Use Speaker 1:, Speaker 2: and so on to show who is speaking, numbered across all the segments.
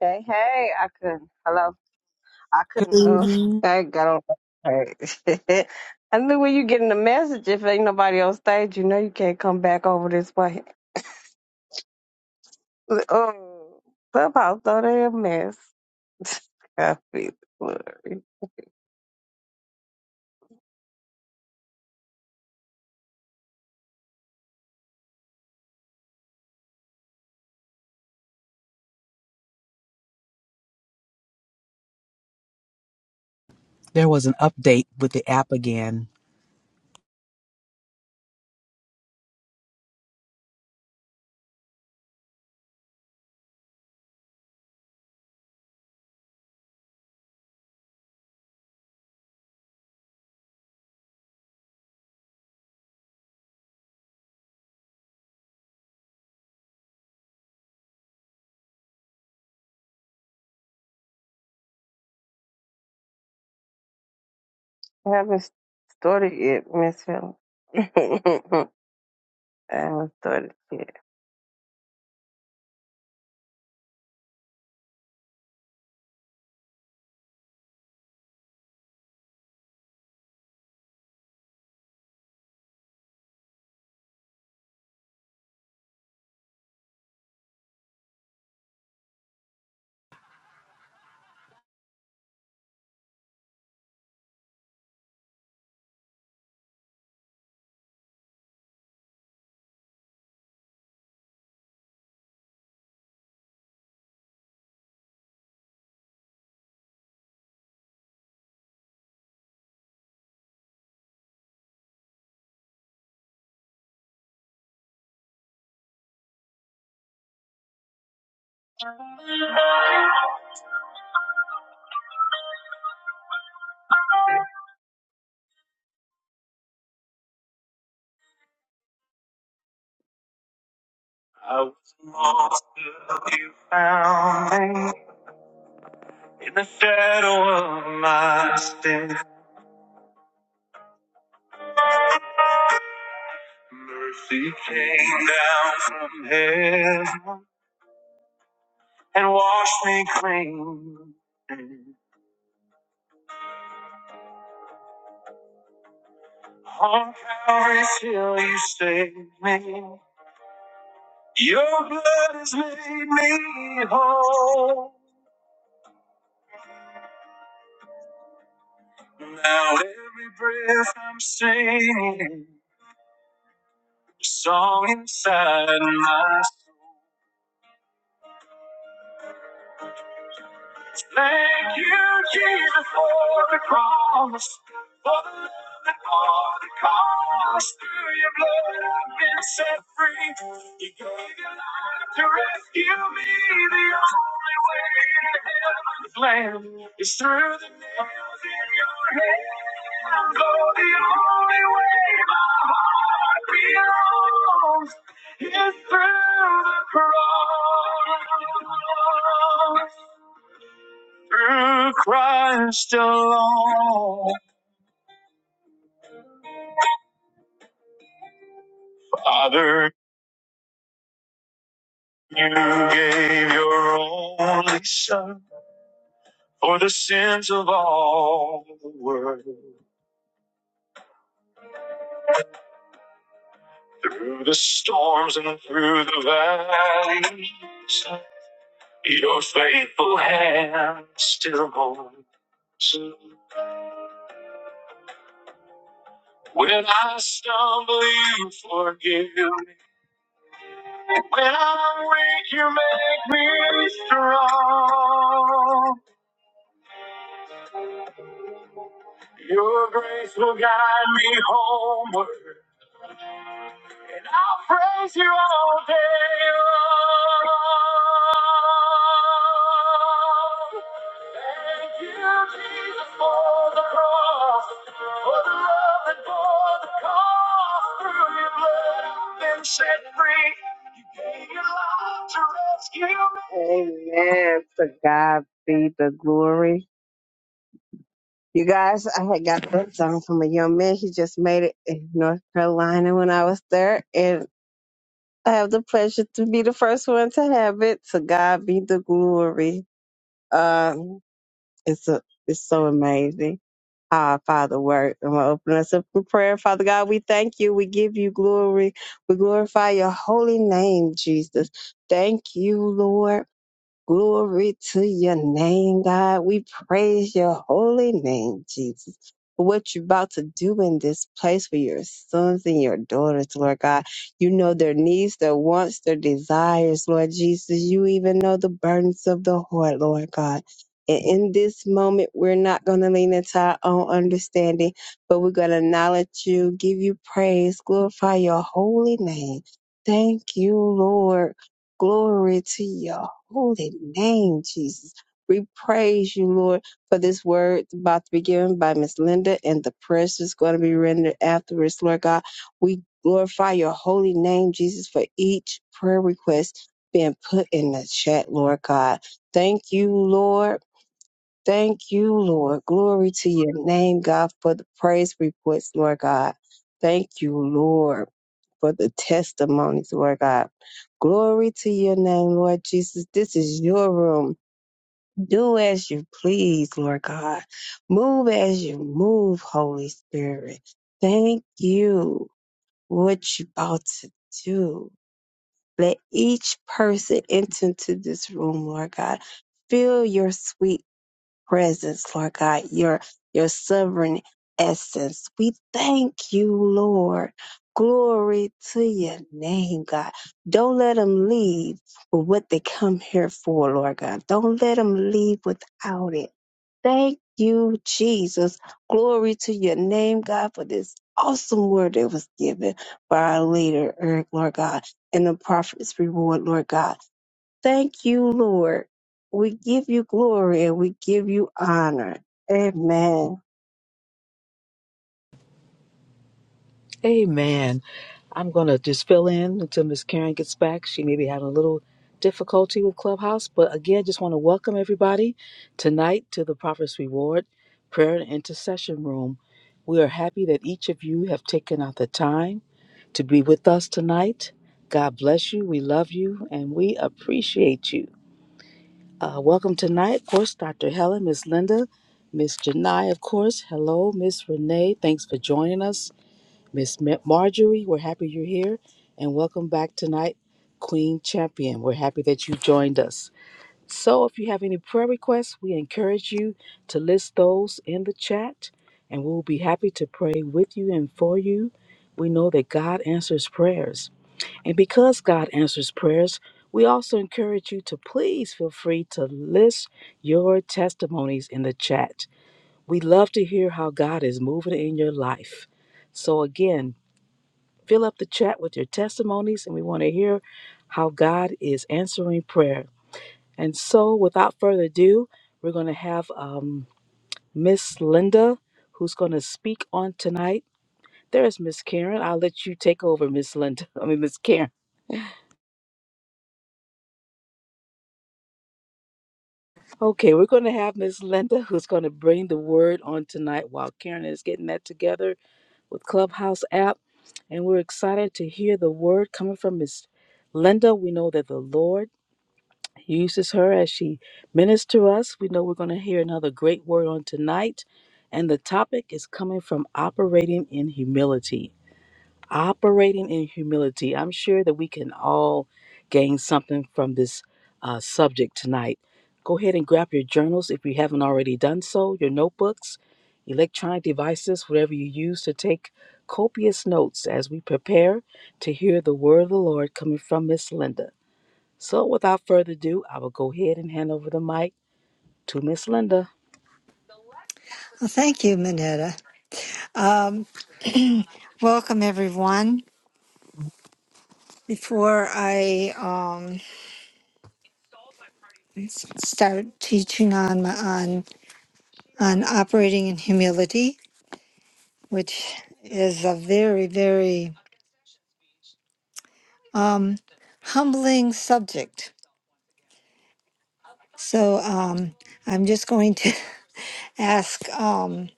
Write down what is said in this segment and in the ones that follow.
Speaker 1: Hey, hey, I couldn't. Hello, I
Speaker 2: Good
Speaker 1: couldn't. Uh,
Speaker 2: evening.
Speaker 1: I got on. Hey. I knew when you getting the message, if ain't nobody on stage, you know you can't come back over this way. Oh, clubhouse, though they a mess. I feel sorry.
Speaker 2: There was an update with the app again.
Speaker 1: I haven't started yet, Miss Helen. I haven't started yet. I was lost till you found me in the shadow of my sin. Mercy came down from heaven and washed me clean. On Calvary till you saved me. Your blood has made me whole. Now every breath I'm singing, a song inside my soul. Thank you, Jesus, for the cross. For the love and bore the cost. Through your blood, I've been set free. You gave your life to rescue me. The only way to heaven's land is through the nails in your hands. Oh, the only way my heart belongs is through the cross. Through Christ alone, Father, you gave your only Son for the sins of all the world. Through the storms and through the valleys, your faithful hand still holds. When I stumble, you forgive me. When I'm weak, you make me strong. Your grace will guide me homeward, and I'll praise you all day long. Thank you, Jesus, for the cross, for the love that bore the cost. Through your blood, I've been set free. You gave your life to rescue me. Amen. To God be the glory. You guys, I had got that song from a young man. He just made it in North Carolina when I was there, and I have the pleasure to be the first one to have it. To God be the glory. Um, it's a, it's so amazing. how Our Father work. I'm gonna open us up in prayer. Father God, we thank you. We give you glory. We glorify your holy name, Jesus. Thank you, Lord. Glory to your name, God. We praise your holy name, Jesus. For what you're about to do in this place for your sons and your daughters, Lord God. You know their needs, their wants, their desires, Lord Jesus. You even know the burdens of the heart, Lord God. And in this moment, we're not going to lean into our own understanding, but we're going to acknowledge you, give you praise, glorify your holy name. Thank you, Lord. Glory to you holy name, Jesus. We praise you, Lord, for this word about to be given by Miss Linda and the prayers that's going to be rendered afterwards, Lord God. We glorify your holy name, Jesus, for each prayer request being put in the chat, Lord God. Thank you, Lord Thank you, Lord. Glory to your name, God, for the praise reports, Lord God. Thank you, Lord, for the testimonies, Lord God. Glory to your name, Lord Jesus. This is your room. Do as you please, Lord God. Move as you move, Holy Spirit. Thank you for what you about to do. Let each person enter into this room, Lord God. Feel your sweet presence, Lord God, your your sovereign essence. We thank you, Lord. Glory to your name, God. Don't let them leave with what they come here for, Lord God. Don't let them leave without it. Thank you, Jesus. Glory to your name, God, for this awesome word that was given by our leader, Eric, Lord God, and the prophet's reward, Lord God. Thank you, Lord. We give you glory and we give you honor. Amen.
Speaker 2: Amen. I'm going to just fill in until Miss Karen gets back. She may be having a little difficulty with Clubhouse, but again, just want to welcome everybody tonight to the Prophet's Reward Prayer and Intercession Room. We are happy that each of you have taken out the time to be with us tonight. God bless you. We love you and we appreciate you. Uh, welcome tonight, of course, Dr. Helen, Miss Linda, Miss Janai, of course. Hello, Miss Renee. Thanks for joining us. Miss Ma- Marjorie, we're happy you're here. And welcome back tonight, Queen Champion. We're happy that you joined us. So, if you have any prayer requests, we encourage you to list those in the chat, and we'll be happy to pray with you and for you. We know that God answers prayers. And because God answers prayers, we also encourage you to please feel free to list your testimonies in the chat. We love to hear how God is moving in your life. So, again, fill up the chat with your testimonies, and we want to hear how God is answering prayer. And so, without further ado, we're going to have um, Miss Linda who's going to speak on tonight. There's Miss Karen. I'll let you take over, Miss Linda. I mean, Miss Karen. Okay, we're going to have Miss Linda who's going to bring the word on tonight while Karen is getting that together with Clubhouse app. And we're excited to hear the word coming from Miss Linda. We know that the Lord uses her as she ministers to us. We know we're going to hear another great word on tonight. And the topic is coming from operating in humility operating in humility. I'm sure that we can all gain something from this uh, subject tonight. Go ahead and grab your journals if you haven't already done so, your notebooks, electronic devices, whatever you use to take copious notes as we prepare to hear the word of the Lord coming from Miss Linda. So, without further ado, I will go ahead and hand over the mic to Miss Linda.
Speaker 3: Well, thank you, Minetta. Um, welcome, everyone. Before I um, s- start teaching on my- on on operating in humility, which is a very very um, humbling subject, so um, I'm just going to ask, um,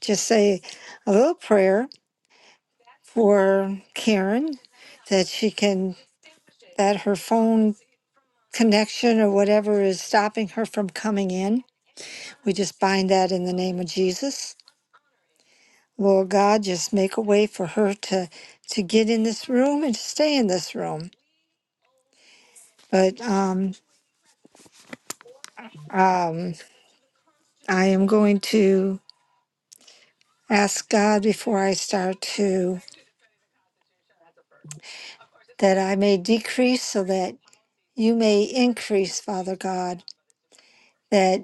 Speaker 3: just say a little prayer for Karen, that she can that her phone connection or whatever is stopping her from coming in We just bind that in the name of Jesus. Lord God, just make a way for her to to get in this room and to stay in this room. But um, um, I am going to ask God before I start to that I may decrease so that you may increase, Father God. That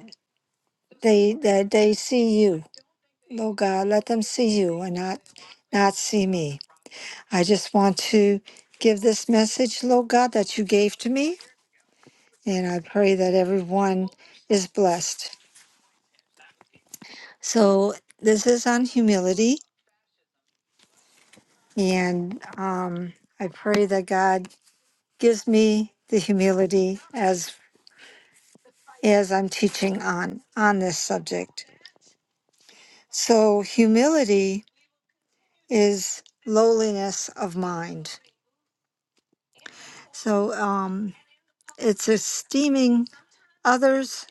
Speaker 3: they that they see you, Lord God. Let them see you and not not see me. I just want to give this message, Lord God, that you gave to me. And I pray that everyone is blessed. So this is on humility. And um, I pray that God gives me the humility as as I'm teaching on on this subject. So humility is lowliness of mind. So um, it's esteeming others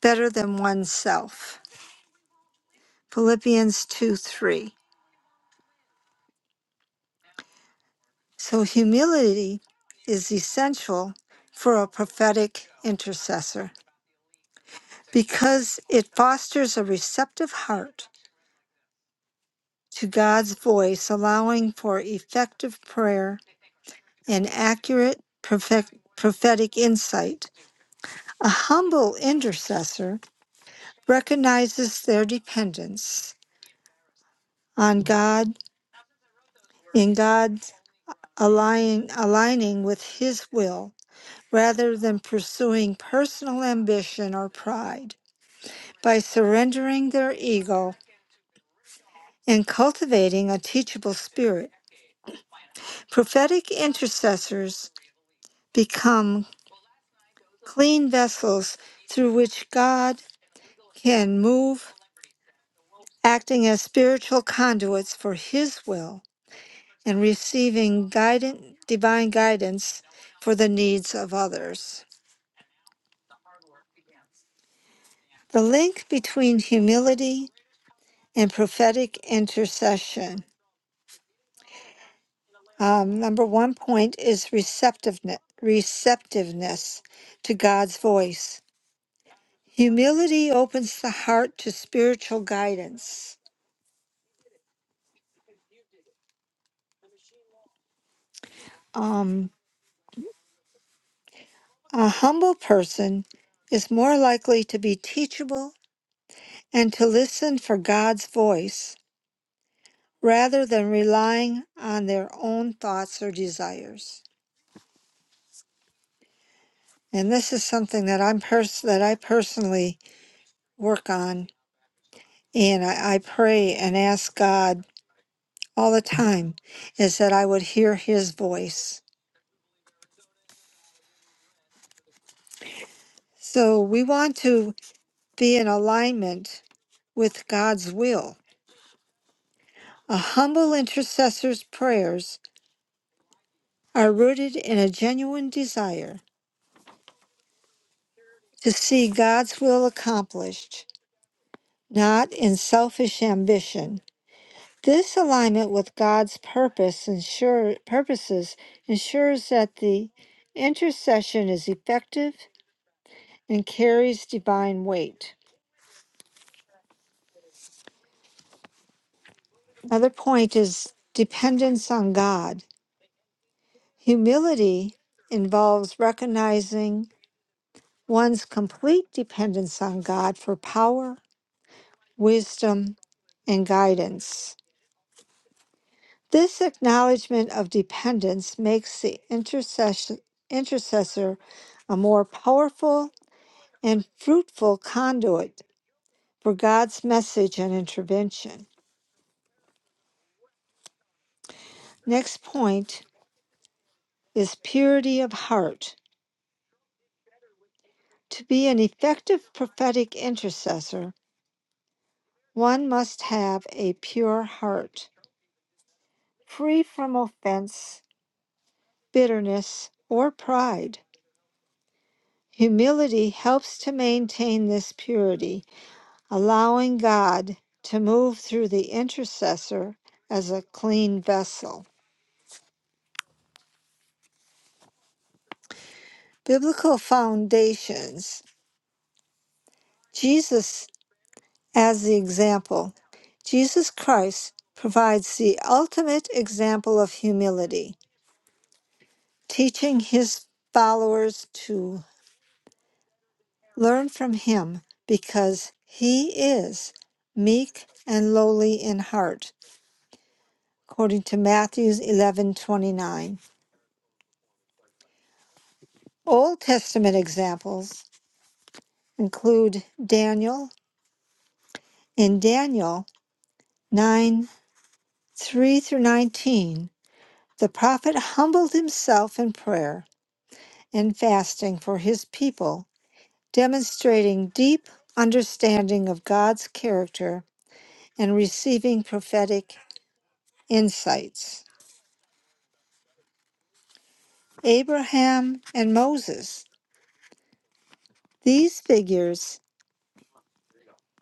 Speaker 3: better than oneself. Philippians 2 3. So humility is essential for a prophetic intercessor because it fosters a receptive heart to God's voice, allowing for effective prayer and accurate perfect, prophetic insight. A humble intercessor recognizes their dependence on God in God's aligning, aligning with his will rather than pursuing personal ambition or pride. by surrendering their ego and cultivating a teachable spirit. Prophetic intercessors become clean vessels through which God can move, acting as spiritual conduits for His will and receiving guidant, divine guidance for the needs of others. The link between humility and prophetic intercession Um, number one point is receptiveness, receptiveness to God's voice. Humility opens the heart to spiritual guidance. Um, a humble person is more likely to be teachable and to listen for God's voice rather than relying on their own thoughts or desires. And this is something that I'm pers- that I personally work on, and I, I pray and ask God all the time is that I would hear his voice. So we want to be in alignment with God's will. A humble intercessor's prayers are rooted in a genuine desire to see God's will accomplished, not in selfish ambition. This alignment with God's purpose ensure, purposes ensures that the intercession is effective and carries divine weight. Another point is dependence on God. Humility involves recognizing one's complete dependence on God for power, wisdom, and guidance. This acknowledgement of dependence makes the intercession, intercessor a more powerful and fruitful conduit for God's message and intervention. Next point is purity of heart. To be an effective prophetic intercessor, one must have a pure heart, free from offense, bitterness, or pride. Humility helps to maintain this purity, allowing God to move through the intercessor as a clean vessel. Biblical foundations Jesus as the example. Jesus Christ provides the ultimate example of humility. teaching his followers to learn from him because he is meek and lowly in heart according to Matthew 11:29 Old Testament examples include Daniel in Daniel 9 3 through 19 the prophet humbled himself in prayer and fasting for his people demonstrating deep understanding of God's character and receiving prophetic insights. Abraham and Moses, these figures,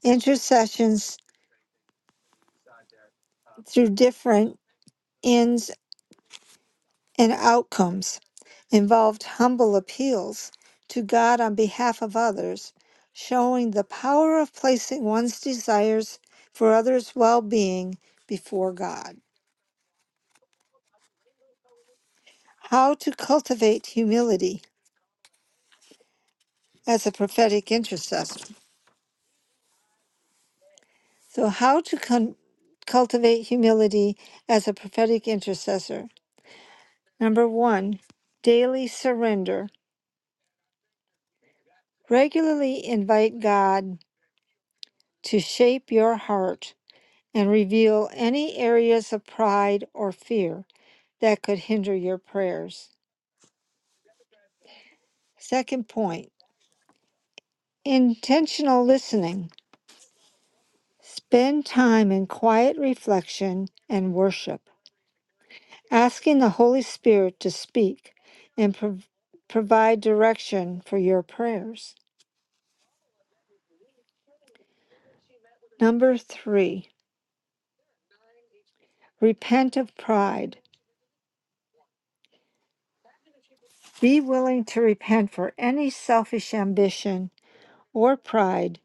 Speaker 3: intercessions through different ends and outcomes, involved humble appeals to God on behalf of others, showing the power of placing one's desires for others' well being before God. How to cultivate humility as a prophetic intercessor. So, how to con- cultivate humility as a prophetic intercessor? Number one, daily surrender. Regularly invite God to shape your heart and reveal any areas of pride or fear that could hinder your prayers. Second point, intentional listening. Spend time in quiet reflection and worship asking the Holy Spirit to speak and prov- provide direction for your prayers. Number three, repent of pride. Be willing to repent for any selfish ambition or pride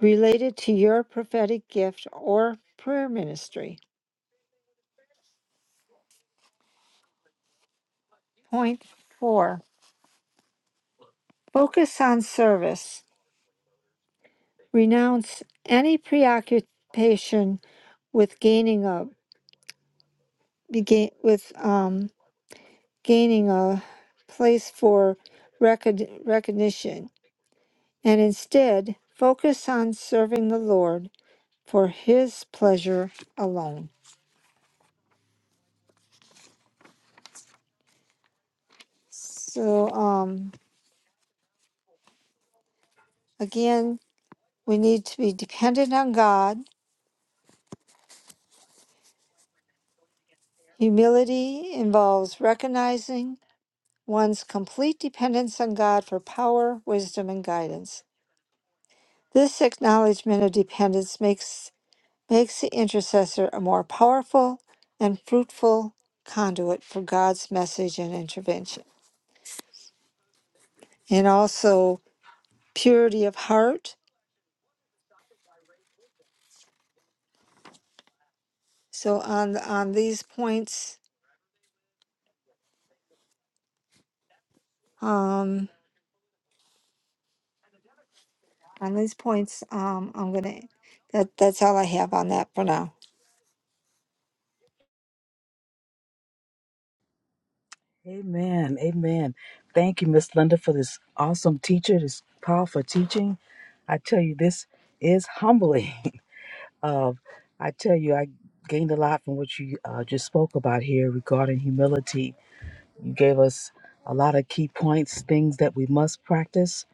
Speaker 3: related to your prophetic gift or prayer ministry. Point four, focus on service. Renounce any preoccupation with gaining a with, um, gaining a place for recog- recognition, and instead focus on serving the Lord for His pleasure alone. So, um, again, we need to be dependent on God. Humility involves recognizing one's complete dependence on God for power, wisdom, and guidance. This acknowledgement of dependence makes makes the intercessor a more powerful and fruitful conduit for God's message and intervention. And also purity of heart. So on on these points, um, on these points, um, I'm gonna. That that's all I have on that for now.
Speaker 2: Amen. Amen. Thank you, Miss Linda, for this awesome teacher, this powerful teaching. I tell you, this is humbling. of I tell you, I gained a lot from what you uh, just spoke about here regarding humility. You gave us a lot of key points, things that we must practice,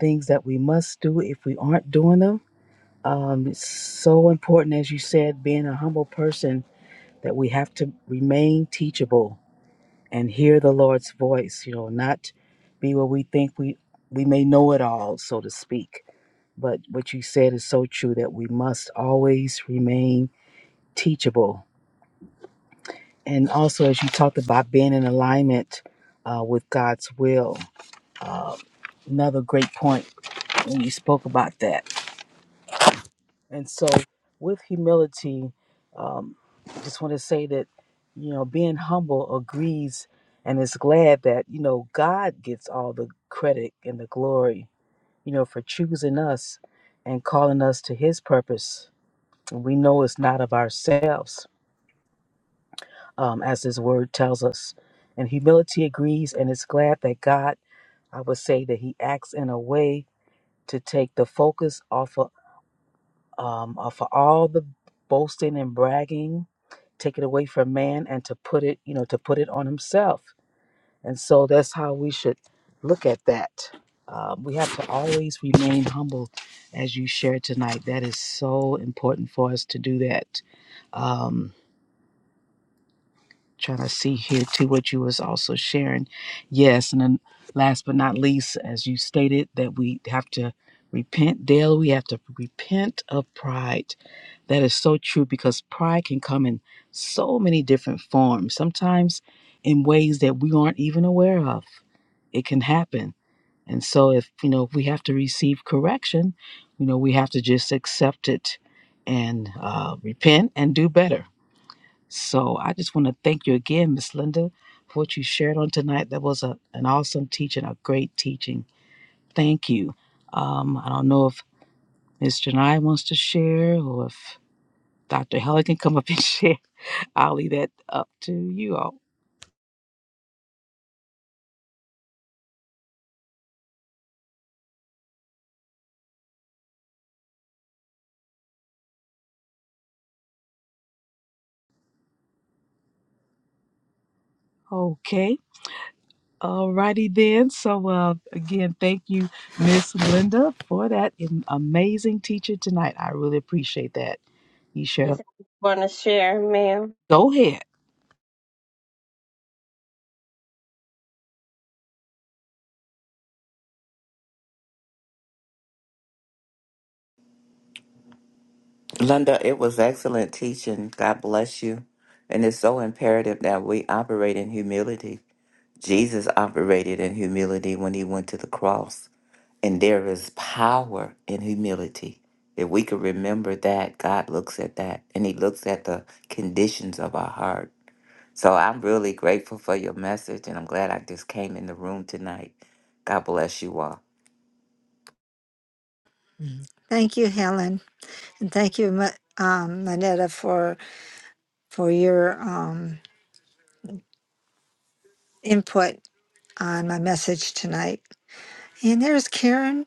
Speaker 2: things that we must do if we aren't doing them. Um, it's so important, as you said, being a humble person that we have to remain teachable and hear the Lord's voice, you know, not be what we think we we may know it all, so to speak. But what you said is so true that we must always remain teachable. And also, as you talked about being in alignment uh, with God's will, uh, another great point when you spoke about that. And so, with humility, um, just want to say that, you know, being humble agrees and is glad that, you know, God gets all the credit and the glory, you know, for choosing us and calling us to his purpose. And we know it's not of ourselves, um, as his word tells us. And humility agrees and is glad that God, I would say, that he acts in a way to take the focus off of um, uh, for all the boasting and bragging, take it away from man and to put it, you know, to put it on himself. And so that's how we should look at that. Um, we have to always remain humble, as you shared tonight. That is so important for us to do that. Um, trying to see here to what you was also sharing. Yes, and then last but not least, as you stated, that we have to repent daily. We have to repent of pride. That is so true because pride can come in so many different forms. Sometimes in ways that we aren't even aware of. It can happen. And so if you know if we have to receive correction, you know we have to just accept it and uh, repent and do better so I just want to thank you again, Miss Linda, for what you shared on tonight. That was a, an awesome teaching, a great teaching. Thank you. Um, I don't know if Miss Janai wants to share or if Dr. Helen can come up and share. I'll leave that up to you all. Okay. Alrighty then. So uh, again, thank you, Miss Linda, for that am- amazing teacher tonight. I really appreciate that. You shared.
Speaker 1: Want to share, ma'am?
Speaker 2: Go ahead.
Speaker 4: Linda, it was excellent teaching. God bless you. And it's so imperative that we operate in humility. Jesus operated in humility when he went to the cross. And there is power in humility. If we could remember that, God looks at that and he looks at the conditions of our heart. So I'm really grateful for your message and I'm glad I just came in the room tonight. God bless you all.
Speaker 3: Thank you, Helen, and thank you, Ma- um, Manetta, for for your um, input on my message tonight. And there's Karen.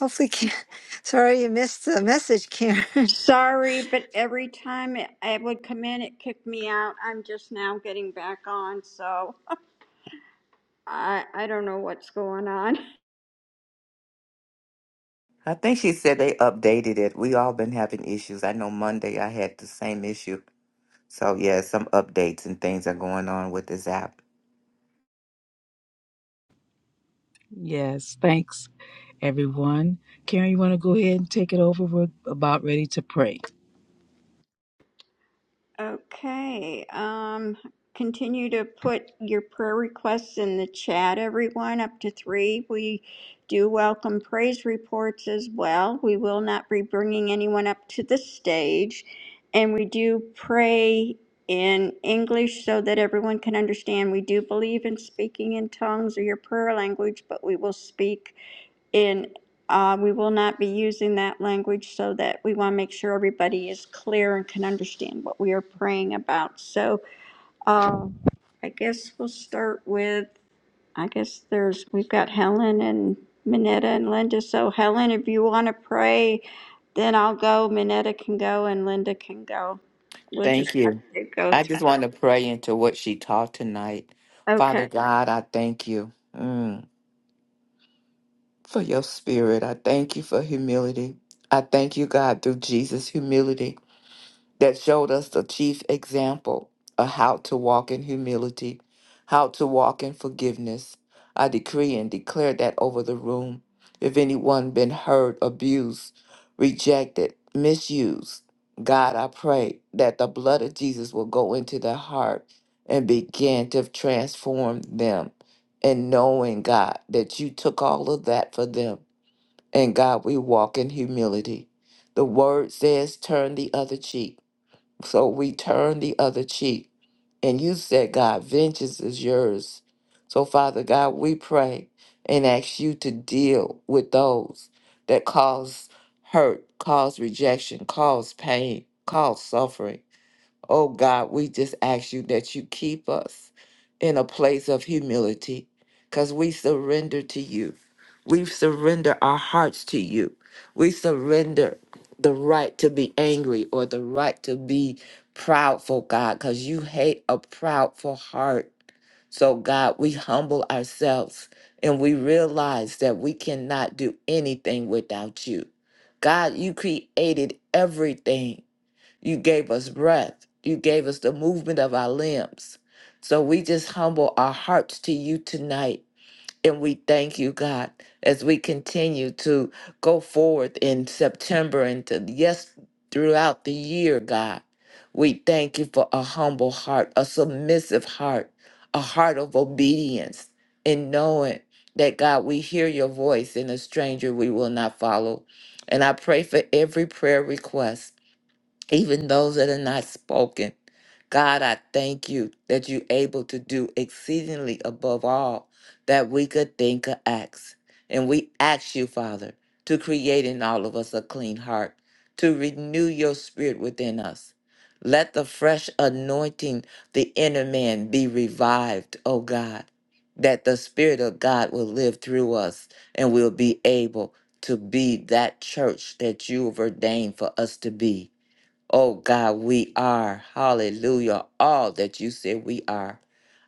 Speaker 3: Hopefully, Karen. Sorry you missed the message, Karen.
Speaker 5: Sorry, but every time it, I would come in, it kicked me out. I'm just now getting back on, so I I don't know what's going on.
Speaker 4: I think she said they updated it. We all been having issues. I know Monday I had the same issue. So yeah, some updates and things are going on with this app.
Speaker 2: Yes, thanks, everyone. Karen, you want to go ahead and take it over? We're about ready to pray.
Speaker 5: Okay. Um, continue to put your prayer requests in the chat, everyone, up to three. We do welcome praise reports as well. We will not be bringing anyone up to the stage. And we do pray in English so that everyone can understand. We do believe in speaking in tongues or your prayer language, but we will speak and uh, we will not be using that language so that we want to make sure everybody is clear and can understand what we are praying about. So uh, I guess we'll start with, I guess there's, we've got Helen and Minetta and Linda. So Helen, if you want to pray, then I'll go. Minetta can go and Linda can go. We'll just
Speaker 4: Thank
Speaker 5: have
Speaker 4: you.
Speaker 5: to go
Speaker 4: I just
Speaker 5: through.
Speaker 4: want to pray into what she taught tonight.
Speaker 5: Okay.
Speaker 4: Father God, I thank you mm, for your spirit. I thank you for humility. I thank you, God, through Jesus' humility. that showed us the chief example of how to walk in humility, how to walk in forgiveness. I decree and declare that over the room. If anyone been hurt, abused, rejected, misused, God, I pray that the blood of Jesus will go into their heart and begin to transform them. And knowing, God, that you took all of that for them. And God, we walk in humility. The word says, turn the other cheek. So we turn the other cheek. And you said, God, vengeance is yours. So, Father God, we pray and ask you to deal with those that cause hurt, cause rejection, cause pain, cause suffering. Oh God, we just ask you that you keep us in a place of humility because we surrender to you. We surrender our hearts to you. We surrender the right to be angry or the right to be proudful, God, because you hate a proudful heart. So, God, we humble ourselves and we realize that we cannot do anything without you. God, you created everything. You gave us breath. You gave us the movement of our limbs. So we just humble our hearts to you tonight. And we thank you, God, as we continue to go forward in September and to, yes, throughout the year, God. We thank you for a humble heart, a submissive heart, a heart of obedience, and knowing that, God, we hear your voice and a stranger we will not follow. And I pray for every prayer request even those that are not spoken. God, I thank you that you're able to do exceedingly above all that we could think or ask. And we ask you, Father, to create in all of us a clean heart, to renew your spirit within us. Let the fresh anointing, the inner man, be revived, O God, that the Spirit of God will live through us and we'll be able to be that church that you have ordained for us to be. Oh God, we are, hallelujah, all that you said we are.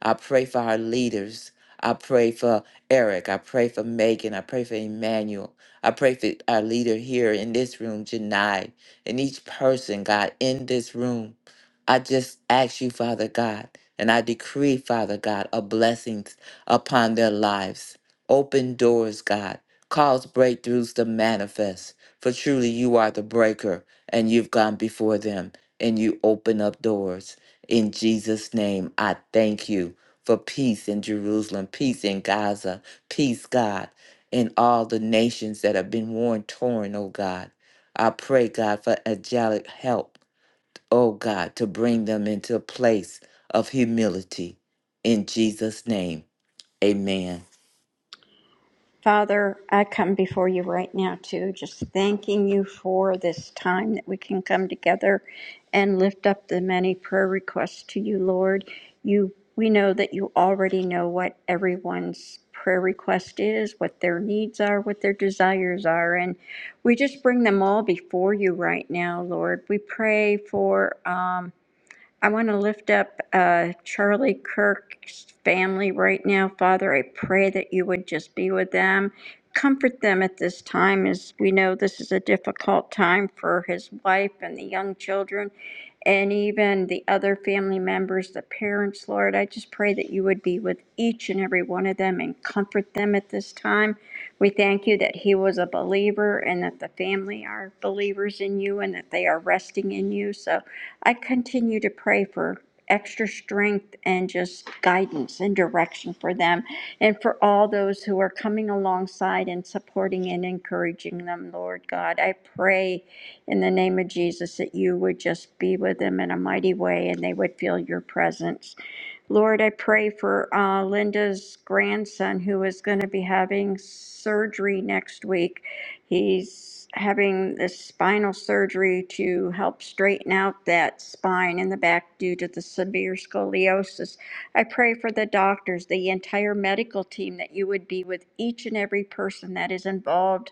Speaker 4: I pray for our leaders. I pray for Eric. I pray for Megan. I pray for Emmanuel. I pray for our leader here in this room, Janai, and each person, God, in this room. I just ask you, Father God, and I decree, Father God, a blessings upon their lives. Open doors, God. Cause breakthroughs to manifest. For truly you are the breaker and you've gone before them and you open up doors. In Jesus' name, I thank you for peace in Jerusalem, peace in Gaza, peace, God, in all the nations that have been worn torn, oh God. I pray, God, for angelic help, oh God, to bring them into a place of humility. In Jesus' name, amen.
Speaker 5: Father, I come before you right now, too, just thanking you for this time that we can come together and lift up the many prayer requests to you, Lord. You, we know that you already know what everyone's prayer request is, what their needs are, what their desires are, and we just bring them all before you right now, Lord. We pray for. Um, I want to lift up uh, Charlie Kirk's family right now. Father, I pray that you would just be with them. Comfort them at this time, as we know this is a difficult time for his wife and the young children, and even the other family members, the parents, Lord. I just pray that you would be with each and every one of them and comfort them at this time. We thank you that he was a believer and that the family are believers in you and that they are resting in you. So, I continue to pray for extra strength and just guidance and direction for them and for all those who are coming alongside and supporting and encouraging them, Lord God. I pray in the name of Jesus that you would just be with them in a mighty way and they would feel your presence. Lord, I pray for uh, Linda's grandson who is going to be having surgery next week. He's having this spinal surgery to help straighten out that spine in the back due to the severe scoliosis. I pray for the doctors, the entire medical team, that you would be with each and every person that is involved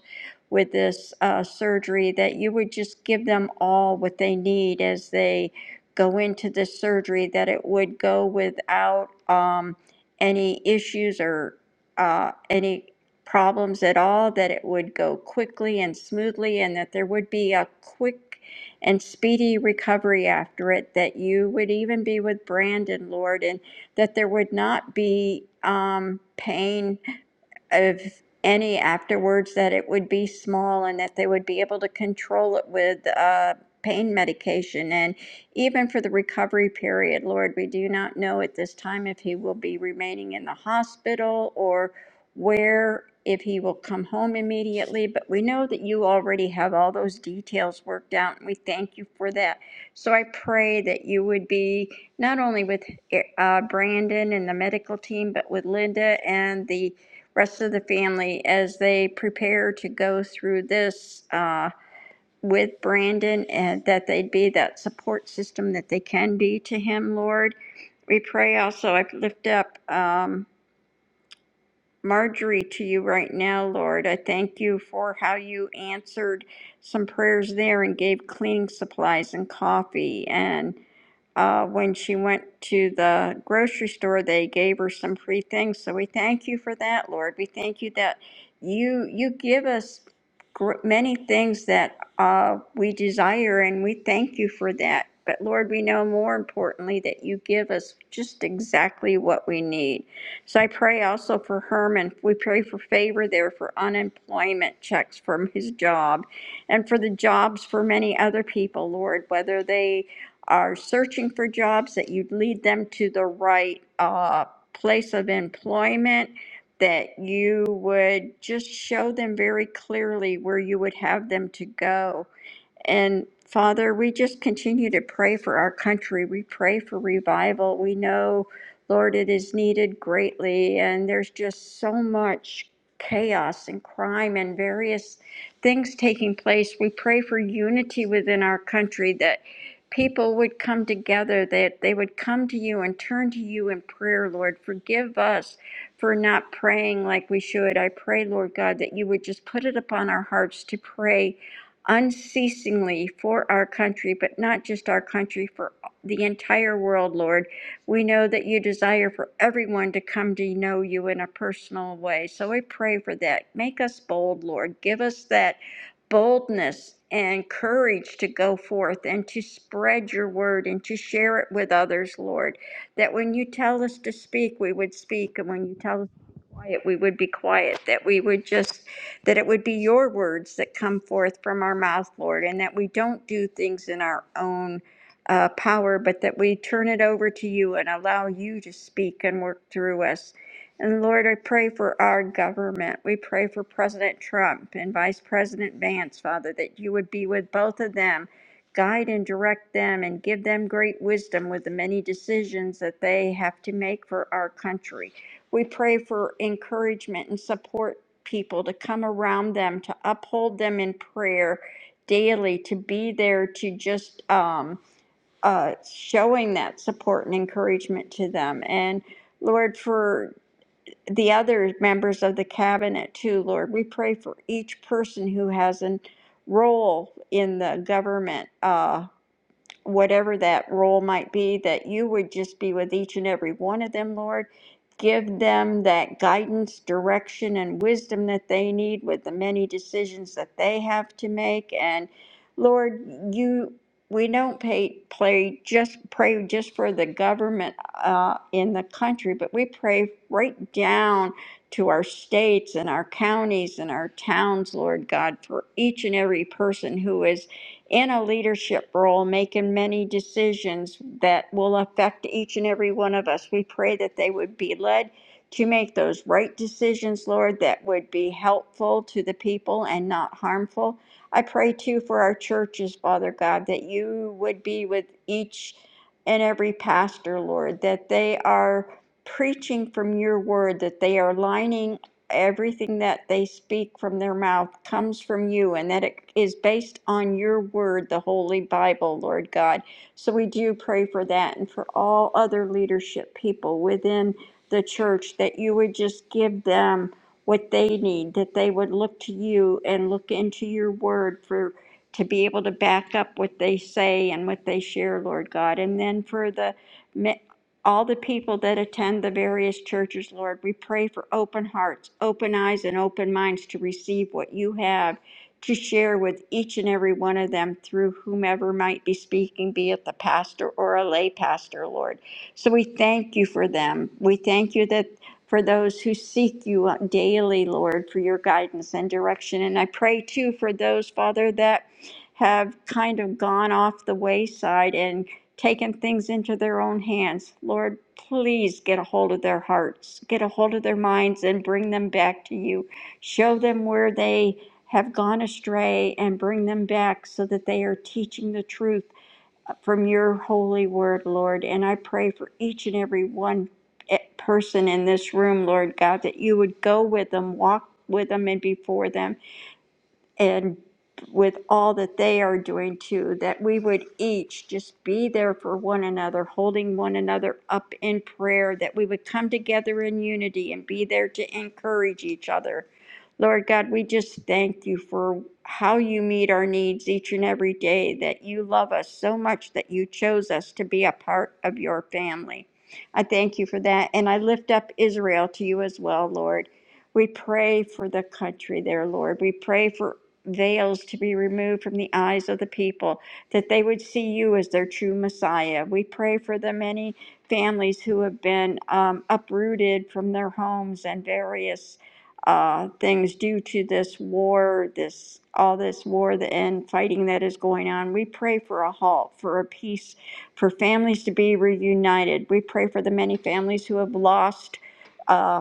Speaker 5: with this uh, surgery, that you would just give them all what they need as they go into this surgery, that it would go without um, any issues or uh, any problems at all, that it would go quickly and smoothly, and that there would be a quick and speedy recovery after it, that you would even be with Brandon, Lord, and that there would not be um, pain of any afterwards that it would be small and that they would be able to control it with uh, pain medication and even for the recovery period. Lord, we do not know at this time if he will be remaining in the hospital or where, if he will come home immediately, but we know that you already have all those details worked out, and we thank you for that. So I pray that you would be not only with eh, uh, Brandon and the medical team, but with Linda and the rest of the family as they prepare to go through this. uh, with Brandon and that they'd be that support system that they can be to him, Lord. We pray also, I lift up, um, Marjorie to you right now, Lord. I thank you for how you answered some prayers there and gave cleaning supplies and coffee. And uh, when she went to the grocery store, they gave her some free things. So we thank you for that, Lord. We thank you that you you give us gr- many things that uh, we desire, and we thank you for that. But Lord, we know more importantly that you give us just exactly what we need. So I pray also for Herman. We pray for favor there for unemployment checks from his job and for the jobs for many other people, Lord, whether they are searching for jobs, that you would lead them to the right uh, place of employment, that you would just show them very clearly where you would have them to go and Father, we just continue to pray for our country. We pray for revival. We know, Lord, it is needed greatly. And there's just so much chaos and crime and various things taking place. We pray for unity within our country that people would come together, that they would come to you and turn to you in prayer, Lord. Forgive us for not praying like we should. I pray, Lord God, that you would just put it upon our hearts to pray unceasingly for our country, but not just our country, for the entire world, Lord. We know that you desire for everyone to come to know you in a personal way. So we pray for that. Make us bold, Lord. Give us that boldness and courage to go forth and to spread your word and to share it with others, Lord. That when you tell us to speak, we would speak, and when you tell us to be quiet, we would be quiet. That we would just that it would be your words that come forth from our mouth, Lord, and that we don't do things in our own uh, power, but that we turn it over to you and allow you to speak and work through us. And Lord, I pray for our government. We pray for President Trump and Vice President Vance, Father, that you would be with both of them. Guide and direct them and give them great wisdom with the many decisions that they have to make for our country. We pray for encouragement and support people to come around them, to uphold them in prayer daily, to be there to just um, uh, showing that support and encouragement to them. And Lord, for the other members of the cabinet too, Lord, we pray for each person who has a role in the government. Uh, whatever that role might be, that you would just be with each and every one of them, Lord. Give them that guidance, direction, and wisdom that they need with the many decisions that they have to make. And Lord, you we don't pay, play just pray just for the government uh, in the country, but we pray right down to our states and our counties and our towns, Lord God, for each and every person who is in a leadership role, making many decisions that will affect each and every one of us. We pray that they would be led to make those right decisions, Lord, that would be helpful to the people and not harmful. I pray too for our churches, Father God, that you would be with each and every pastor, Lord, that they are preaching from your word, that they are lining everything that they speak from their mouth comes from you and that it is based on your word, the Holy Bible, Lord God. So we do pray for that and for all other leadership people within the church that you would just give them what they need, that they would look to you and look into your word for to be able to back up what they say and what they share, Lord God. And then for the all the people that attend the various churches, Lord. We pray for open hearts, open eyes, and open minds to receive what you have to share with each and every one of them through whomever might be speaking, be it the pastor or a lay pastor, Lord. So we thank you for them. We thank you that. For those who seek you uh, daily, Lord, for your guidance and direction. And I pray too for those, Father, that have kind of gone off the wayside and taking things into their own hands. Lord, please get a hold of their hearts, get a hold of their minds, and bring them back to you. Show them where they have gone astray and bring them back so that they are teaching the truth from your holy word, Lord. And I pray for each and every one eh, person in this room, Lord God, that you would go with them, walk with them, and before them and with all that they are doing too, that we would each just be there for one another, holding one another up in prayer, that we would come together in unity and be there to encourage each other. Lord God, we just thank you for how you meet our needs each and every day, that you love us so much that you chose us to be a part of your family. I thank you for that. And I lift up Israel to you as well, Lord. We pray for the country there, Lord. We pray for veils to be removed from the eyes of the people, that they would see you as their true Messiah. We pray for the many families who have been um, uprooted from their homes and various uh, things due to this war, this all this war the- and fighting that is going on. We pray for a halt, for a peace, for families to be reunited. We pray for the many families who have lost. uh,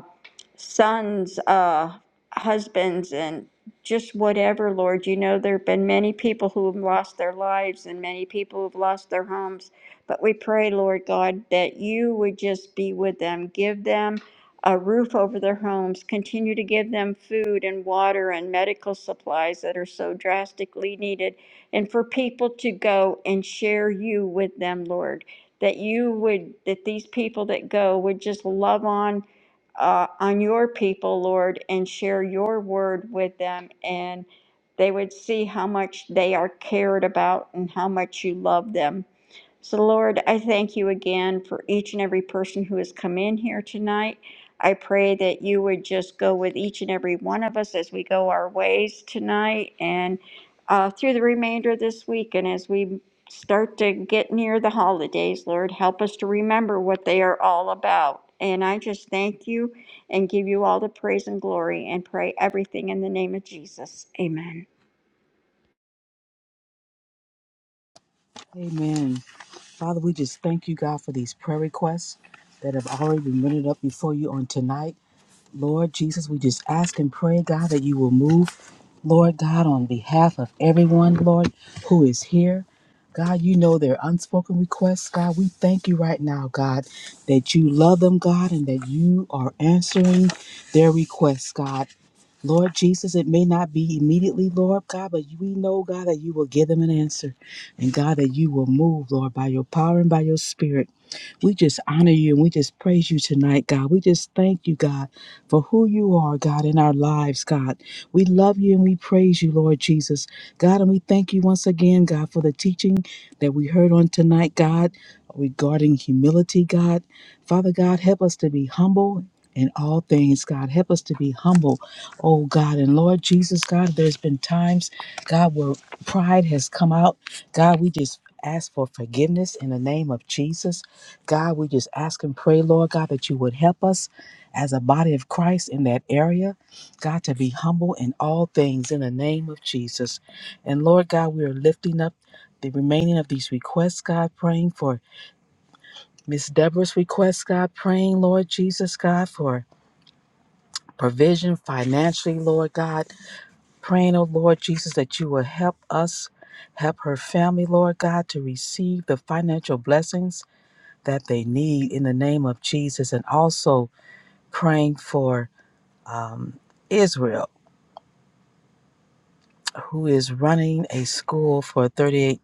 Speaker 5: sons, uh, husbands, and just whatever, Lord. You know, there have been many people who have lost their lives and many people who have lost their homes. But we pray, Lord God, that you would just be with them, give them a roof over their homes, continue to give them food and water and medical supplies that are so drastically needed, and for people to go and share you with them, Lord. That you would, that these people that go would just love on uh, on your people, Lord, and share your word with them. And they would see how much they are cared about and how much you love them. So, Lord, I thank you again for each and every person who has come in here tonight. I pray that you would just go with each and every one of us as we go our ways tonight and uh, through the remainder of this week. And as we start to get near the holidays, Lord, help us to remember what they are all about. And I just thank you and give you all the praise and glory and pray everything in the name of Jesus. Amen.
Speaker 2: Amen. Father, we just thank you, God, for these prayer requests that have already been rendered up before you on tonight. Lord Jesus, we just ask and pray, God, that you will move, Lord God, on behalf of everyone, Lord, who is here. God, you know their unspoken requests. God, we thank you right now, God, that you love them, God, and that you are answering their requests, God. Lord Jesus, it may not be immediately, Lord God, but we know, God, that you will give them an answer. And God, that you will move, Lord, by your power and by your spirit. We just honor you and we just praise you tonight, God. We just thank you, God, for who you are, God, in our lives, God. We love you and we praise you, Lord Jesus. God, and we thank you once again, God, for the teaching that we heard on tonight, God, regarding humility, God. Father God, help us to be humble. In all things, God, help us to be humble, oh God. And Lord Jesus, God, there's been times, God, where pride has come out. God, we just ask for forgiveness in the name of Jesus. God, we just ask and pray, Lord God, that you would help us as a body of Christ in that area, God, to be humble in all things in the name of Jesus. And Lord God, we are lifting up the remaining of these requests, God, praying for Miss Deborah's request, God, praying, Lord Jesus, God, for provision financially, Lord God, praying, oh Lord Jesus, that you will help us, help her family, Lord God, to receive the financial blessings that they need in the name of Jesus. And also, praying for um, Israel, who is running a school for 38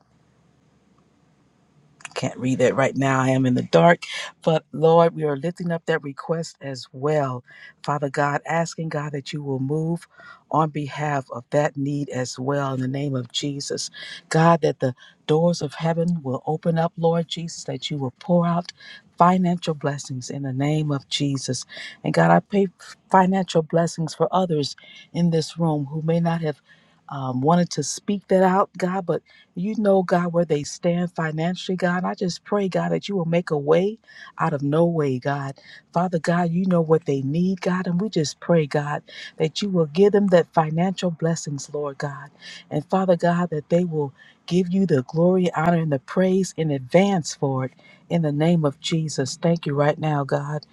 Speaker 2: can't read that right now. I am in the dark. But Lord, we are lifting up that request as well. Father God, asking God that you will move on behalf of that need as well in the name of Jesus. God, that the doors of heaven will open up, Lord Jesus, that you will pour out financial blessings in the name of Jesus. And God, I pray financial blessings for others in this room who may not have. Um, wanted to speak that out, God, but you know, God, where they stand financially, God. I just pray, God, that you will make a way out of no way, God. Father God, you know what they need, God. And we just pray, God, that you will give them that financial blessings, Lord God. And Father God, that they will give you the glory, honor, and the praise in advance for it. In the name of Jesus, thank you right now, God.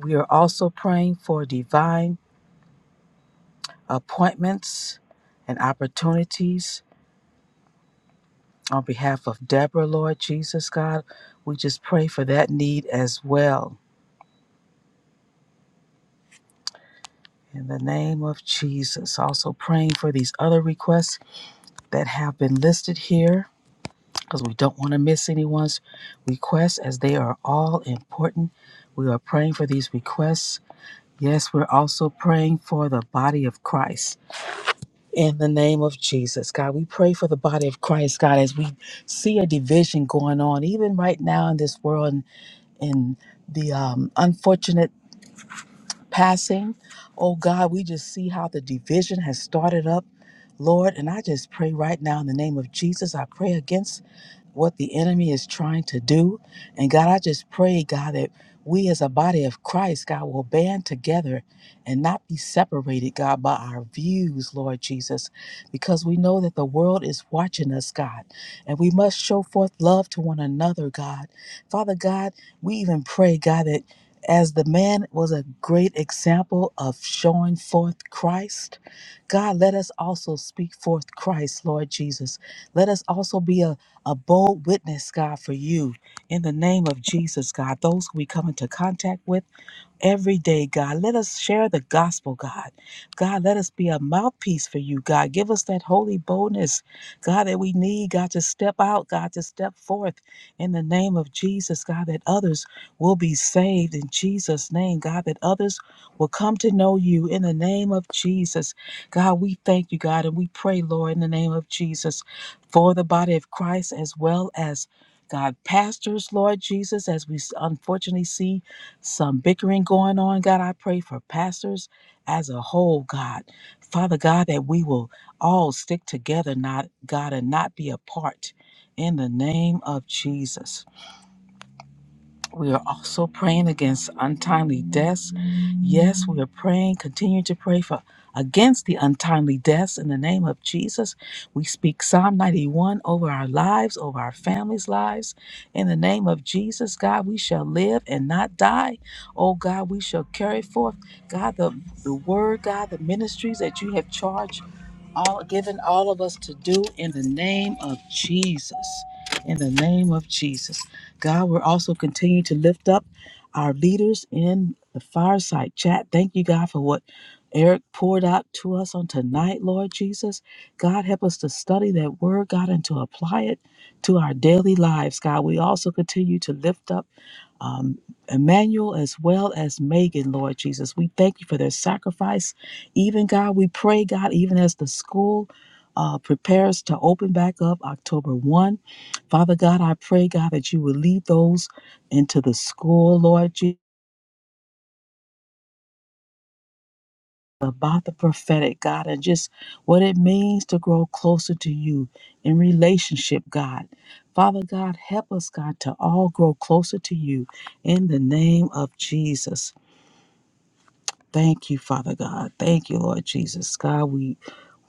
Speaker 2: We are also praying for divine appointments and opportunities On behalf of Deborah, Lord Jesus, God, we just pray for that need as well. In the name of Jesus. Also praying for these other requests that have been listed here because we don't want to miss anyone's requests as they are all important. We are praying for these requests. Yes, we're also praying for the body of Christ. In the name of Jesus, God, we pray for the body of Christ, God, as we see a division going on, even right now in this world in the um, unfortunate passing. Oh God, we just see how the division has started up, Lord. And I just pray right now in the name of Jesus, I pray against it what the enemy is trying to do. And God, I just pray, God, that we as a body of Christ, God, will band together and not be separated, God, by our views, Lord Jesus, because we know that the world is watching us, God, and we must show forth love to one another, God. Father God, we even pray, God, that as the man was a great example of showing forth Christ, God, let us also speak forth Christ, Lord Jesus. Let us also be a a bold witness, God, for you in the name of Jesus, God. Those who we come into contact with every day, God. Let us share the gospel, God. God, let us be a mouthpiece for you, God. Give us that holy boldness, God, that we need, God, to step out, God, to step forth in the name of Jesus, God, that others will be saved in Jesus' name, God, that others will come to know you in the name of Jesus. God, we thank you, God, and we pray, Lord, in the name of Jesus for the body of Christ as well as. God, pastors, Lord Jesus, as we unfortunately see some bickering going on. God, I pray for pastors as a whole, God. Father God, that we will all stick together, not God, and not be apart in the name of Jesus. We are also praying against untimely deaths. Yes, we are praying, continue to pray for against the untimely deaths in the name of Jesus. We speak Psalm 91 over our lives, over our families' lives. In the name of Jesus, God, we shall live and not die. Oh God, we shall carry forth, God, the, the word, God, the ministries that you have charged all given all of us to do in the name of Jesus. In the name of Jesus. God, we're also continuing to lift up our leaders in the fireside chat. Thank you, God, for what Eric poured out to us on tonight, Lord Jesus. God, help us to study that word, God, and to apply it to our daily lives, God. We also continue to lift up um, Emmanuel as well as Megan, Lord Jesus. We thank you for their sacrifice. Even God, we pray, God, even as the school uh, prepares to open back up October 1. Father God, I pray, God, that you will lead those into the school, Lord Jesus. About the prophetic, God, and just what it means to grow closer to you in relationship, God. Father God, help us, God, to all grow closer to you in the name of Jesus. Thank you, Father God. Thank you, Lord Jesus. God, we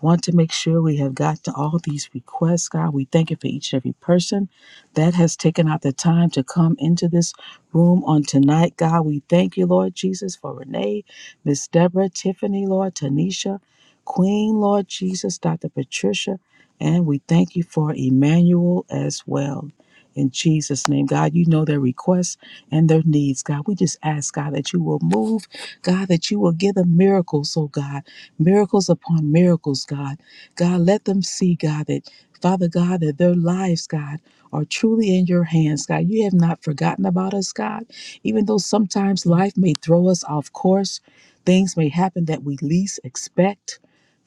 Speaker 2: want to make sure we have got to all these requests. God, we thank you for each and every person that has taken out the time to come into this room on tonight. God, we thank you, Lord Jesus, for Renee, Miss Deborah, Tiffany, Lord, Tanisha, Queen, Lord Jesus, Dr. Patricia, and we thank you for Emmanuel as well. In Jesus' name, God, you know their requests and their needs. God, we just ask, God, that you will move God, that you will give them miracles, oh God, miracles upon miracles, God. God, let them see, God, that Father God, that their lives, God, are truly in your hands, God. You have not forgotten about us, God. Even though sometimes life may throw us off course, things may happen that we least expect.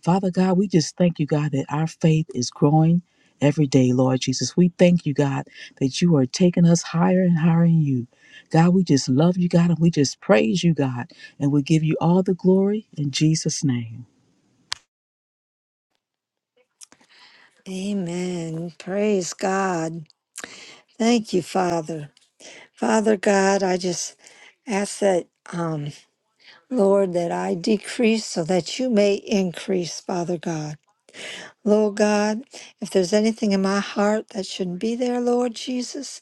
Speaker 2: Father God, we just thank you, God, that our faith is growing every day, Lord Jesus. We thank you, God, that you are taking us higher and higher in you. God, we just love you, God, and we just praise you, God. And we give you all the glory in Jesus' name.
Speaker 3: Amen. Praise God. Thank you, Father. Father God, I just ask that, um, Lord, that I decrease so that you may increase, Father God. Lord God, if there's anything in my heart that shouldn't be there, Lord Jesus,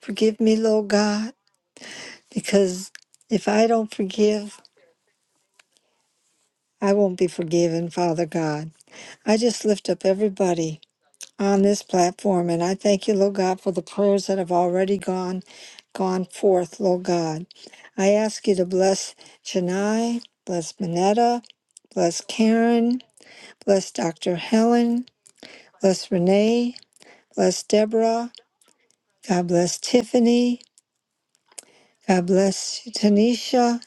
Speaker 3: forgive me, Lord God, because if I don't forgive, I won't be forgiven, Father God. I just lift up everybody on this platform. And I thank you, Lord God, for the prayers that have already gone gone forth, Lord God. I ask you to bless Chennai, bless Manetta, bless Karen, bless Dr. Helen, bless Renee, bless Deborah, God bless Tiffany, God bless Tanisha,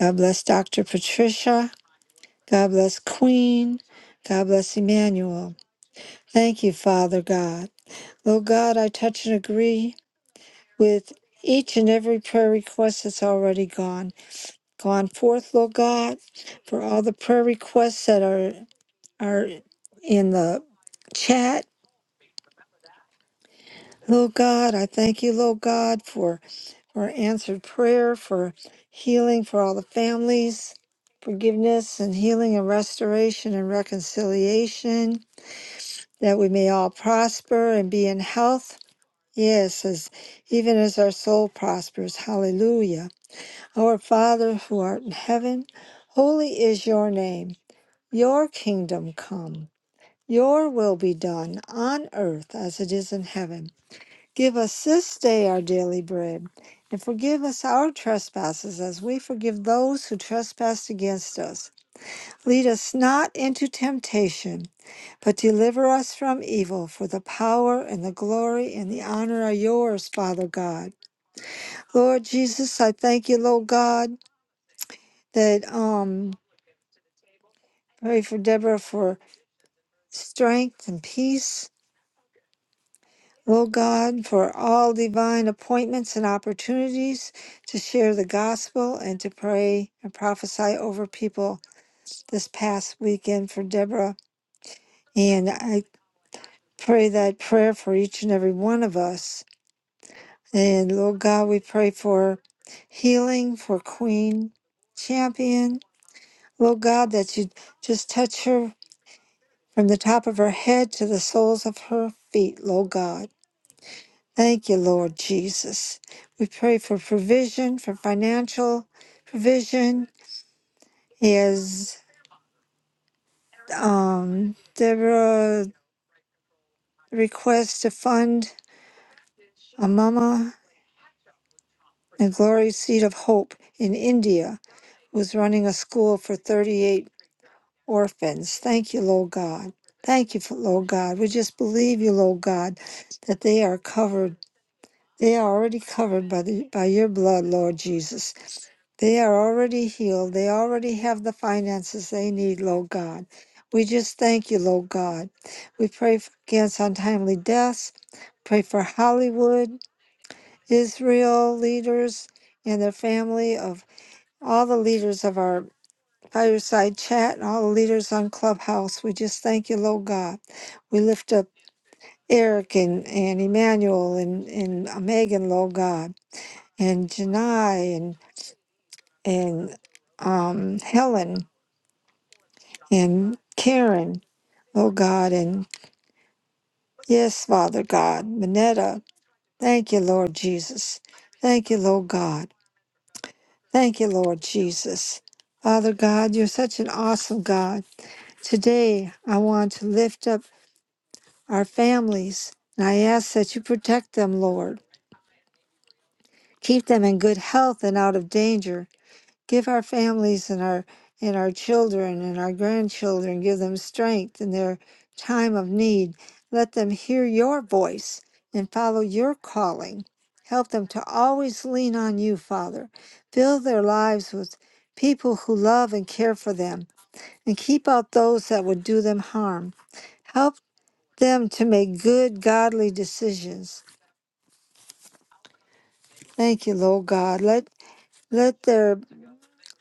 Speaker 3: God bless Dr. Patricia, God bless Queen, God bless Emmanuel. Thank you, Father God. Lord God, I touch and agree with each and every prayer request that's already gone gone forth, Lord God, for all the prayer requests that are are in the chat. Lord God, I thank you, Lord God, for for answered prayer, for healing for all the families, forgiveness and healing and restoration and reconciliation, that we may all prosper and be in health. Yes, as even as our soul prospers. Hallelujah. Our Father who art in heaven, holy is your name. Your kingdom come. Your will be done on earth as it is in heaven. Give us this day our daily bread, and forgive us our trespasses as we forgive those who trespass against us. Lead us not into temptation, but deliver us from evil. For the power and the glory and the honor are yours, Father God. Lord Jesus, I thank you, Lord God, that um Pray for Deborah for strength and peace. Lord God, for all divine appointments and opportunities to share the gospel and to pray and prophesy over people this past weekend for Deborah. And I pray that prayer for each and every one of us. And Lord God, we pray for healing for Queen Champion. Lord God, that you just touch her from the top of her head to the soles of her feet, Lord God Thank you, Lord Jesus. We pray for provision, for financial provision. Is um, Deborah request to fund a mama and glory seed of hope in India, who's running a school for 38 orphans. Thank you, Lord God. Thank you, for, Lord God. We just believe you, Lord God, that they are covered. They are already covered by the by your blood, Lord Jesus. They are already healed. They already have the finances they need, Lord God. We just thank you, Lord God. We pray f- against untimely deaths. Pray for Hollywood, Israel leaders, and their family of all the leaders of our fireside chat and all the leaders on Clubhouse. We just thank you, Lord God. We lift up Eric and, and Emmanuel and, and uh, Megan, Lord God, and Janai and and um, Helen. and Karen, oh God, and yes, Father God, Manetta, thank you, Lord Jesus. Thank you, Lord God. Thank you, Lord Jesus. Father God, you're such an awesome God. Today, I want to lift up our families, and I ask that you protect them, Lord. Keep them in good health and out of danger. give our families and our and our children and our grandchildren give them strength in their time of need let them hear your voice and follow your calling help them to always lean on you father fill their lives with people who love and care for them and keep out those that would do them harm help them to make good godly decisions thank you lord god let let their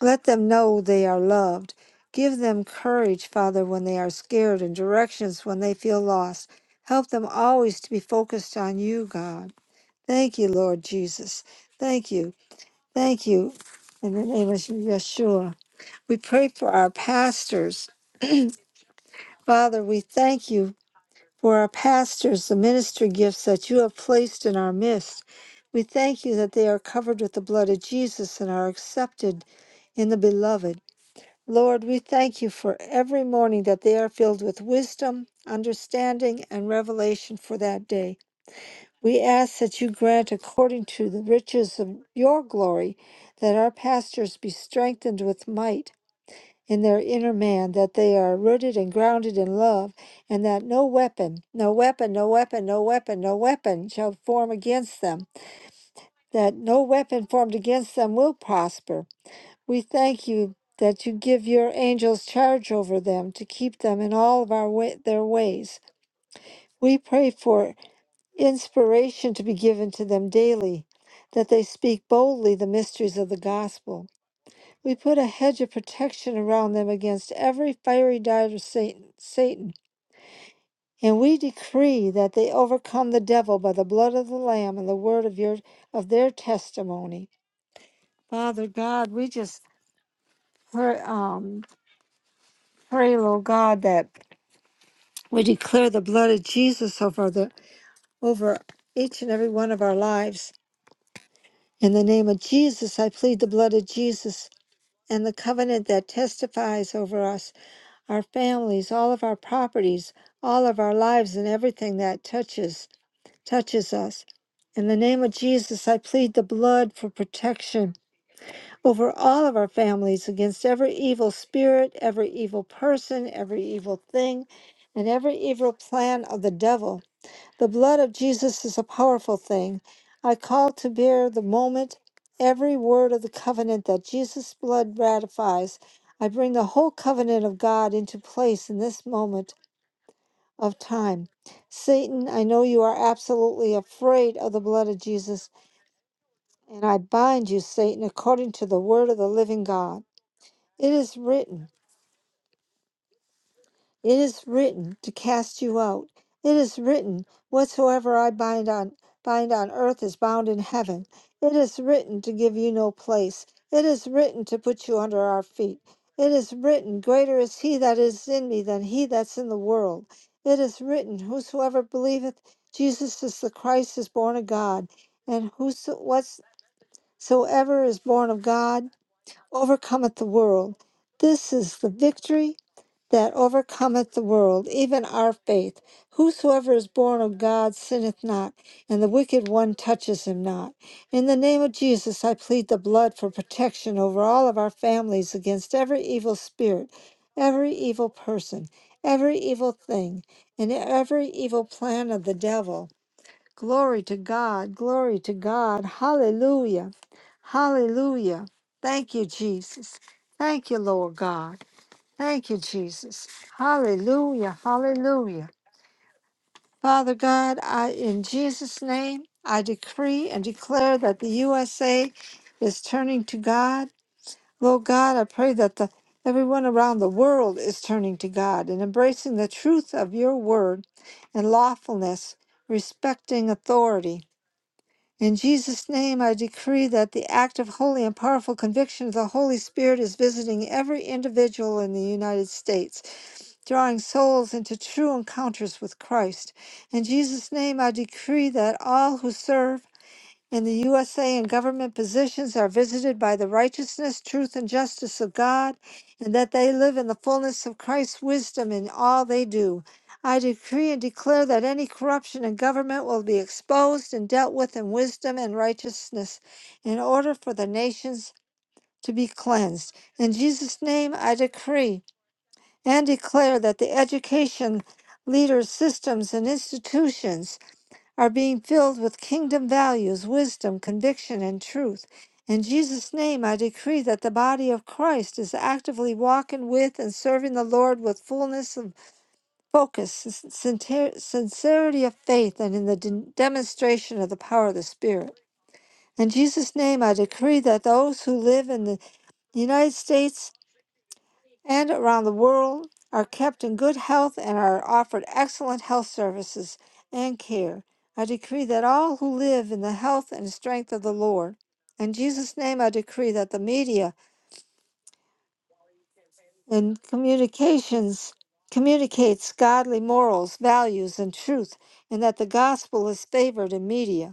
Speaker 3: Let them know they are loved. Give them courage, Father, when they are scared and directions when they feel lost. Help them always to be focused on you, God. Thank you, Lord Jesus. Thank you. Thank you. In the name of Yeshua, we pray for our pastors. Father, we thank you for our pastors, the ministry gifts that you have placed in our midst. We thank you that they are covered with the blood of Jesus and are accepted in the beloved. Lord, we thank you for every morning that they are filled with wisdom, understanding, and revelation for that day. We ask that you grant, according to the riches of your glory, that our pastors be strengthened with might in their inner man, that they are rooted and grounded in love, and that no weapon, no weapon, no weapon, no weapon, no weapon shall form against them, that no weapon formed against them will prosper we thank you that you give your angels charge over them to keep them in all of our wa- their ways. We pray for inspiration to be given to them daily, that they speak boldly the mysteries of the gospel. We put a hedge of protection around them against every fiery dart of Satan, Satan. And we decree that they overcome the devil by the blood of the Lamb and the word of your of their testimony. Father God, we just pray, um, pray, Lord God, that We declare the blood of Jesus over the over each and every one of our lives. In the name of Jesus, I plead the blood of Jesus and the covenant that testifies over us, our families, all of our properties, all of our lives and everything that touches touches us. In the name of Jesus, I plead the blood for protection over all of our families against every evil spirit, every evil person, every evil thing, and every evil plan of the devil. The blood of Jesus is a powerful thing. I call to bear the moment every word of the covenant that Jesus' blood ratifies. I bring the whole covenant of God into place in this moment of time. Satan, I know you are absolutely afraid of the blood of Jesus, and I bind you, Satan, according to the word of the living God. It is written. It is written to cast you out. It is written, whatsoever I bind on bind on earth is bound in heaven. It is written to give you no place. It is written to put you under our feet. It is written, greater is he that is in me than he that's in the world. It is written, whosoever believeth Jesus is the Christ is born of God, and whoso whatsoever is born of God overcometh the world. This is the victory that overcometh the world, even our faith. Whosoever is born of God sinneth not, and the wicked one touches him not. In the name of Jesus, I plead the blood for protection over all of our families against every evil spirit, every evil person, every evil thing, and every evil plan of the devil. Glory to God, glory to God. Hallelujah, hallelujah. Thank you, Jesus. Thank you, Lord God. Thank you, Jesus. Hallelujah. Hallelujah. Father God, I, in Jesus' name, I decree and declare that the USA is turning to God. Lord God, I pray that the, everyone around the world is turning to God and embracing the truth of your word and lawfulness, respecting authority. In Jesus' name, I decree that the active, holy, and powerful conviction of the Holy Spirit is visiting every individual in the United States drawing souls into true encounters with Christ. In Jesus' name, I decree that all who serve in the USA and government positions are visited by the righteousness, truth, and justice of God, and that they live in the fullness of Christ's wisdom in all they do. I decree and declare that any corruption in government will be exposed and dealt with in wisdom and righteousness in order for the nations to be cleansed. In Jesus' name, I decree and declare that the education, leaders, systems, and institutions are being filled with kingdom values, wisdom, conviction, and truth. In Jesus' name, I decree that the body of Christ is actively walking with and serving the Lord with fullness of focus, sin- sincer- sincerity of faith, and in the de- demonstration of the power of the Spirit. In Jesus' name, I decree that those who live in the United States and around the world are kept in good health and are offered excellent health services and care. I decree that all who live in the health and strength of the Lord. In Jesus' name, I decree that the media and communications communicates godly morals, values, and truth, and that the gospel is favored in media.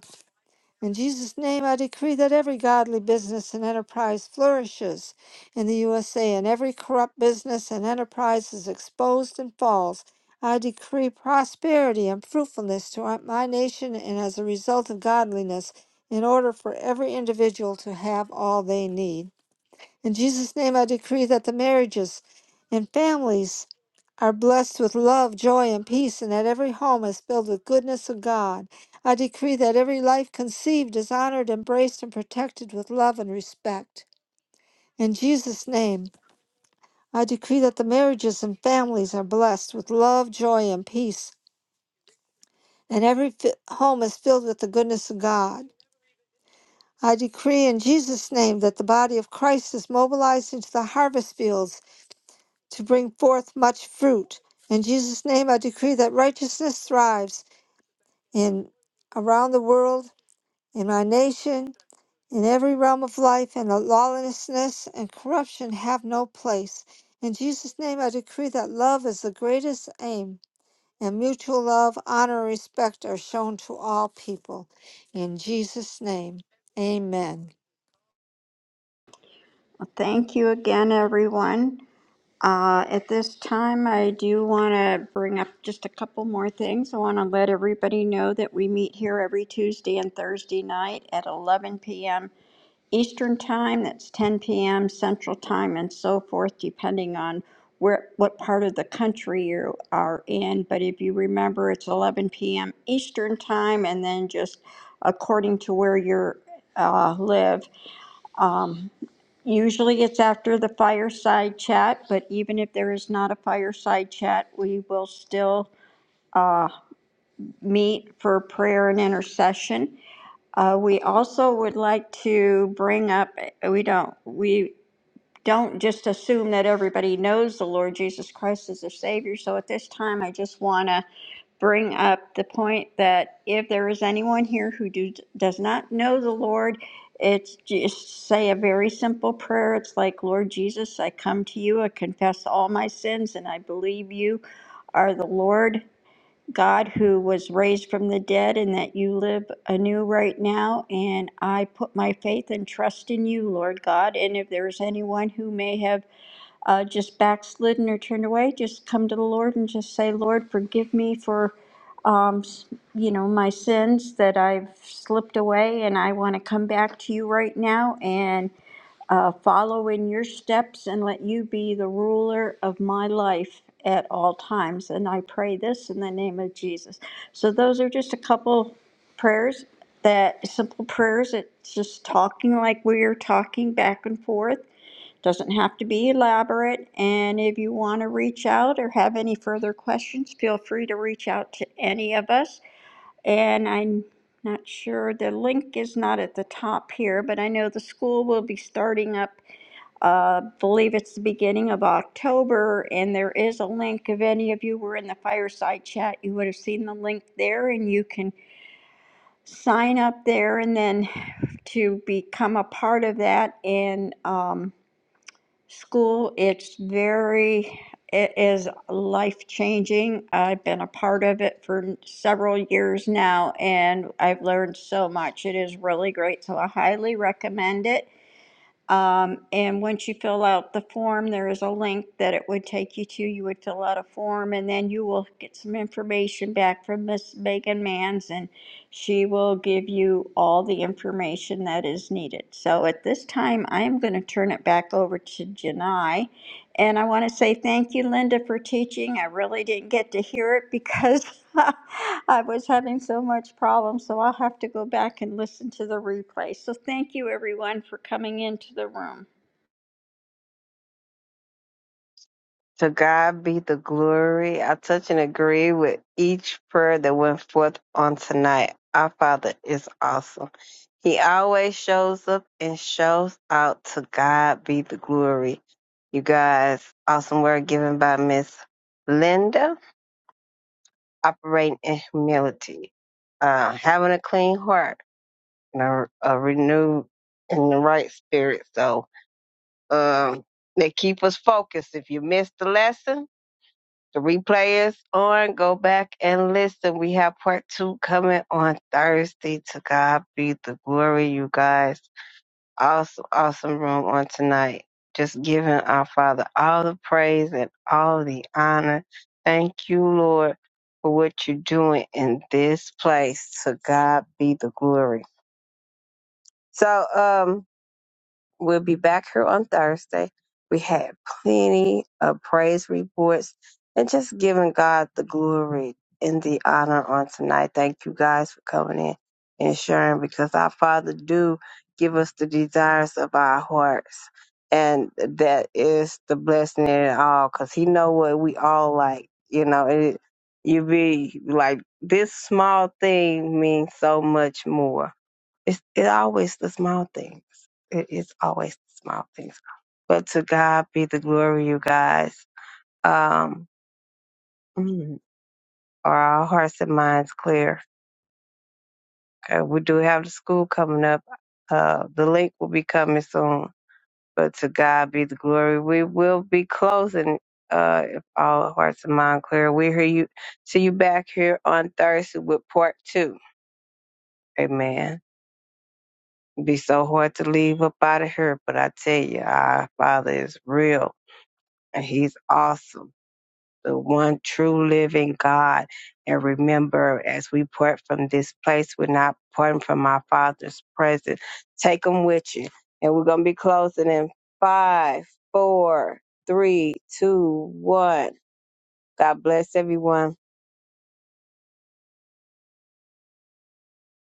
Speaker 3: In Jesus' name, I decree that every godly business and enterprise flourishes in the USA and every corrupt business and enterprise is exposed and falls. I decree prosperity and fruitfulness to our- my nation and as a result of godliness, in order for every individual to have all they need. In Jesus' name, I decree that the marriages and families are blessed with love, joy, and peace, and that every home is filled with goodness of God. I decree that every life conceived is honored, embraced, and protected with love and respect. In Jesus' name, I decree that the marriages and families are blessed with love, joy, and peace, and every fi- home is filled with the goodness of God. I decree in Jesus' name that the body of Christ is mobilized into the harvest fields to bring forth much fruit. In Jesus' name, I decree that righteousness thrives in around the world, in my nation, in every realm of life, and that lawlessness and corruption have no place. In Jesus' name, I decree that love is the greatest aim, and mutual love, honor, and respect are shown to all people. In Jesus' name, amen.
Speaker 5: Well, thank you again, everyone. Uh, At this time, I do want to bring up just a couple more things. I want to let everybody know that we meet here every Tuesday and Thursday night at 11 PM Eastern Time. That's 10 PM Central Time and so forth, depending on where, what part of the country you are in. But if you remember, it's 11 PM Eastern Time, and then just according to where you uh, live, um, Usually it's after the fireside chat, but even if there is not a fireside chat, we will still uh, meet for prayer and intercession. Uh, we also would like to bring up, uh, we don't, we don't just assume that everybody knows the Lord Jesus Christ as their Savior. So at this time, I just want to bring up the point that if there is anyone here who do, does not know the Lord, it's just say a very simple prayer. It's like, Lord Jesus, I come to you, I confess all my sins, and I believe you are the Lord God who was raised from the dead and that you live anew right now. And I put my faith and trust in you, Lord God. And if there is anyone who may have uh, just backslidden or turned away, just come to the Lord and just say, Lord, forgive me for, um, s- you know, my sins that I've slipped away, and I want to come back to you right now and uh, follow in your steps and let you be the ruler of my life at all times. And I pray this in the name of Jesus. So those are just a couple prayers that simple prayers. It's just talking like we are talking back and forth doesn't have to be elaborate, and if you want to reach out or have any further questions, feel free to reach out to any of us. And I'm not sure, the link is not at the top here, but I know the school will be starting up, uh, believe it's the beginning of October, and there is a link. If any of you were in the fireside chat, you would have seen the link there, and you can sign up there and then to become a part of that. And, um, School, it's very, it is life changing. I've been a part of it for several years now and I've learned so much. It is really great, so I highly recommend it. Um, and once you fill out the form, there is a link that it would take you to. You would fill out a form and then you will get some information back from Miss Megan Mans and she will give you all the information that is needed. So at this time, I am going to turn it back over to Janai. And I want to say thank you, Linda, for teaching. I really didn't get to hear it because I was having so much problem. So I'll have to go back and listen to the replay. So thank you, everyone, for coming into the room.
Speaker 1: To God be the glory. I touch and agree with each prayer that went forth on tonight. Our Father is awesome. He always shows up and shows out. To God be the glory. You guys, awesome word given by Miss Linda, operating in humility, uh, having a clean heart and are, are renewed in the right spirit. So um, they keep us focused. If you missed the lesson, the replay is on. Go back and listen. We have part two coming on Thursday. To God be the glory, you guys. Awesome, awesome room on tonight. Just giving our Father all the praise and all the honor. Thank you, Lord, for what you're doing in this place. To God be the glory. So, um. We'll be back here on Thursday. We had plenty of praise reports and just giving God the glory and the honor on tonight. Thank you guys for coming in and sharing because our Father do give us the desires of our hearts. And that is the blessing in it all because He know what we all like. You know, it, you be like this small thing means so much more it's it always the small things. It is always the small things. But to God be the glory, you guys. Um, mm, are our hearts and minds clear? Uh, we do have the school coming up. Uh, the link will be coming soon. But to God be the glory. We will be closing. Uh, if all hearts and minds clear, we hear you. See you back here on Thursday with part two. Amen. be so hard to leave up out of here, but I tell you, our Father is real And He's awesome, the one true living God. And remember, as we part from this place, we're not parting from our Father's presence. Take them with you. And we're going to be closing in five, four, three, two, one. God bless everyone.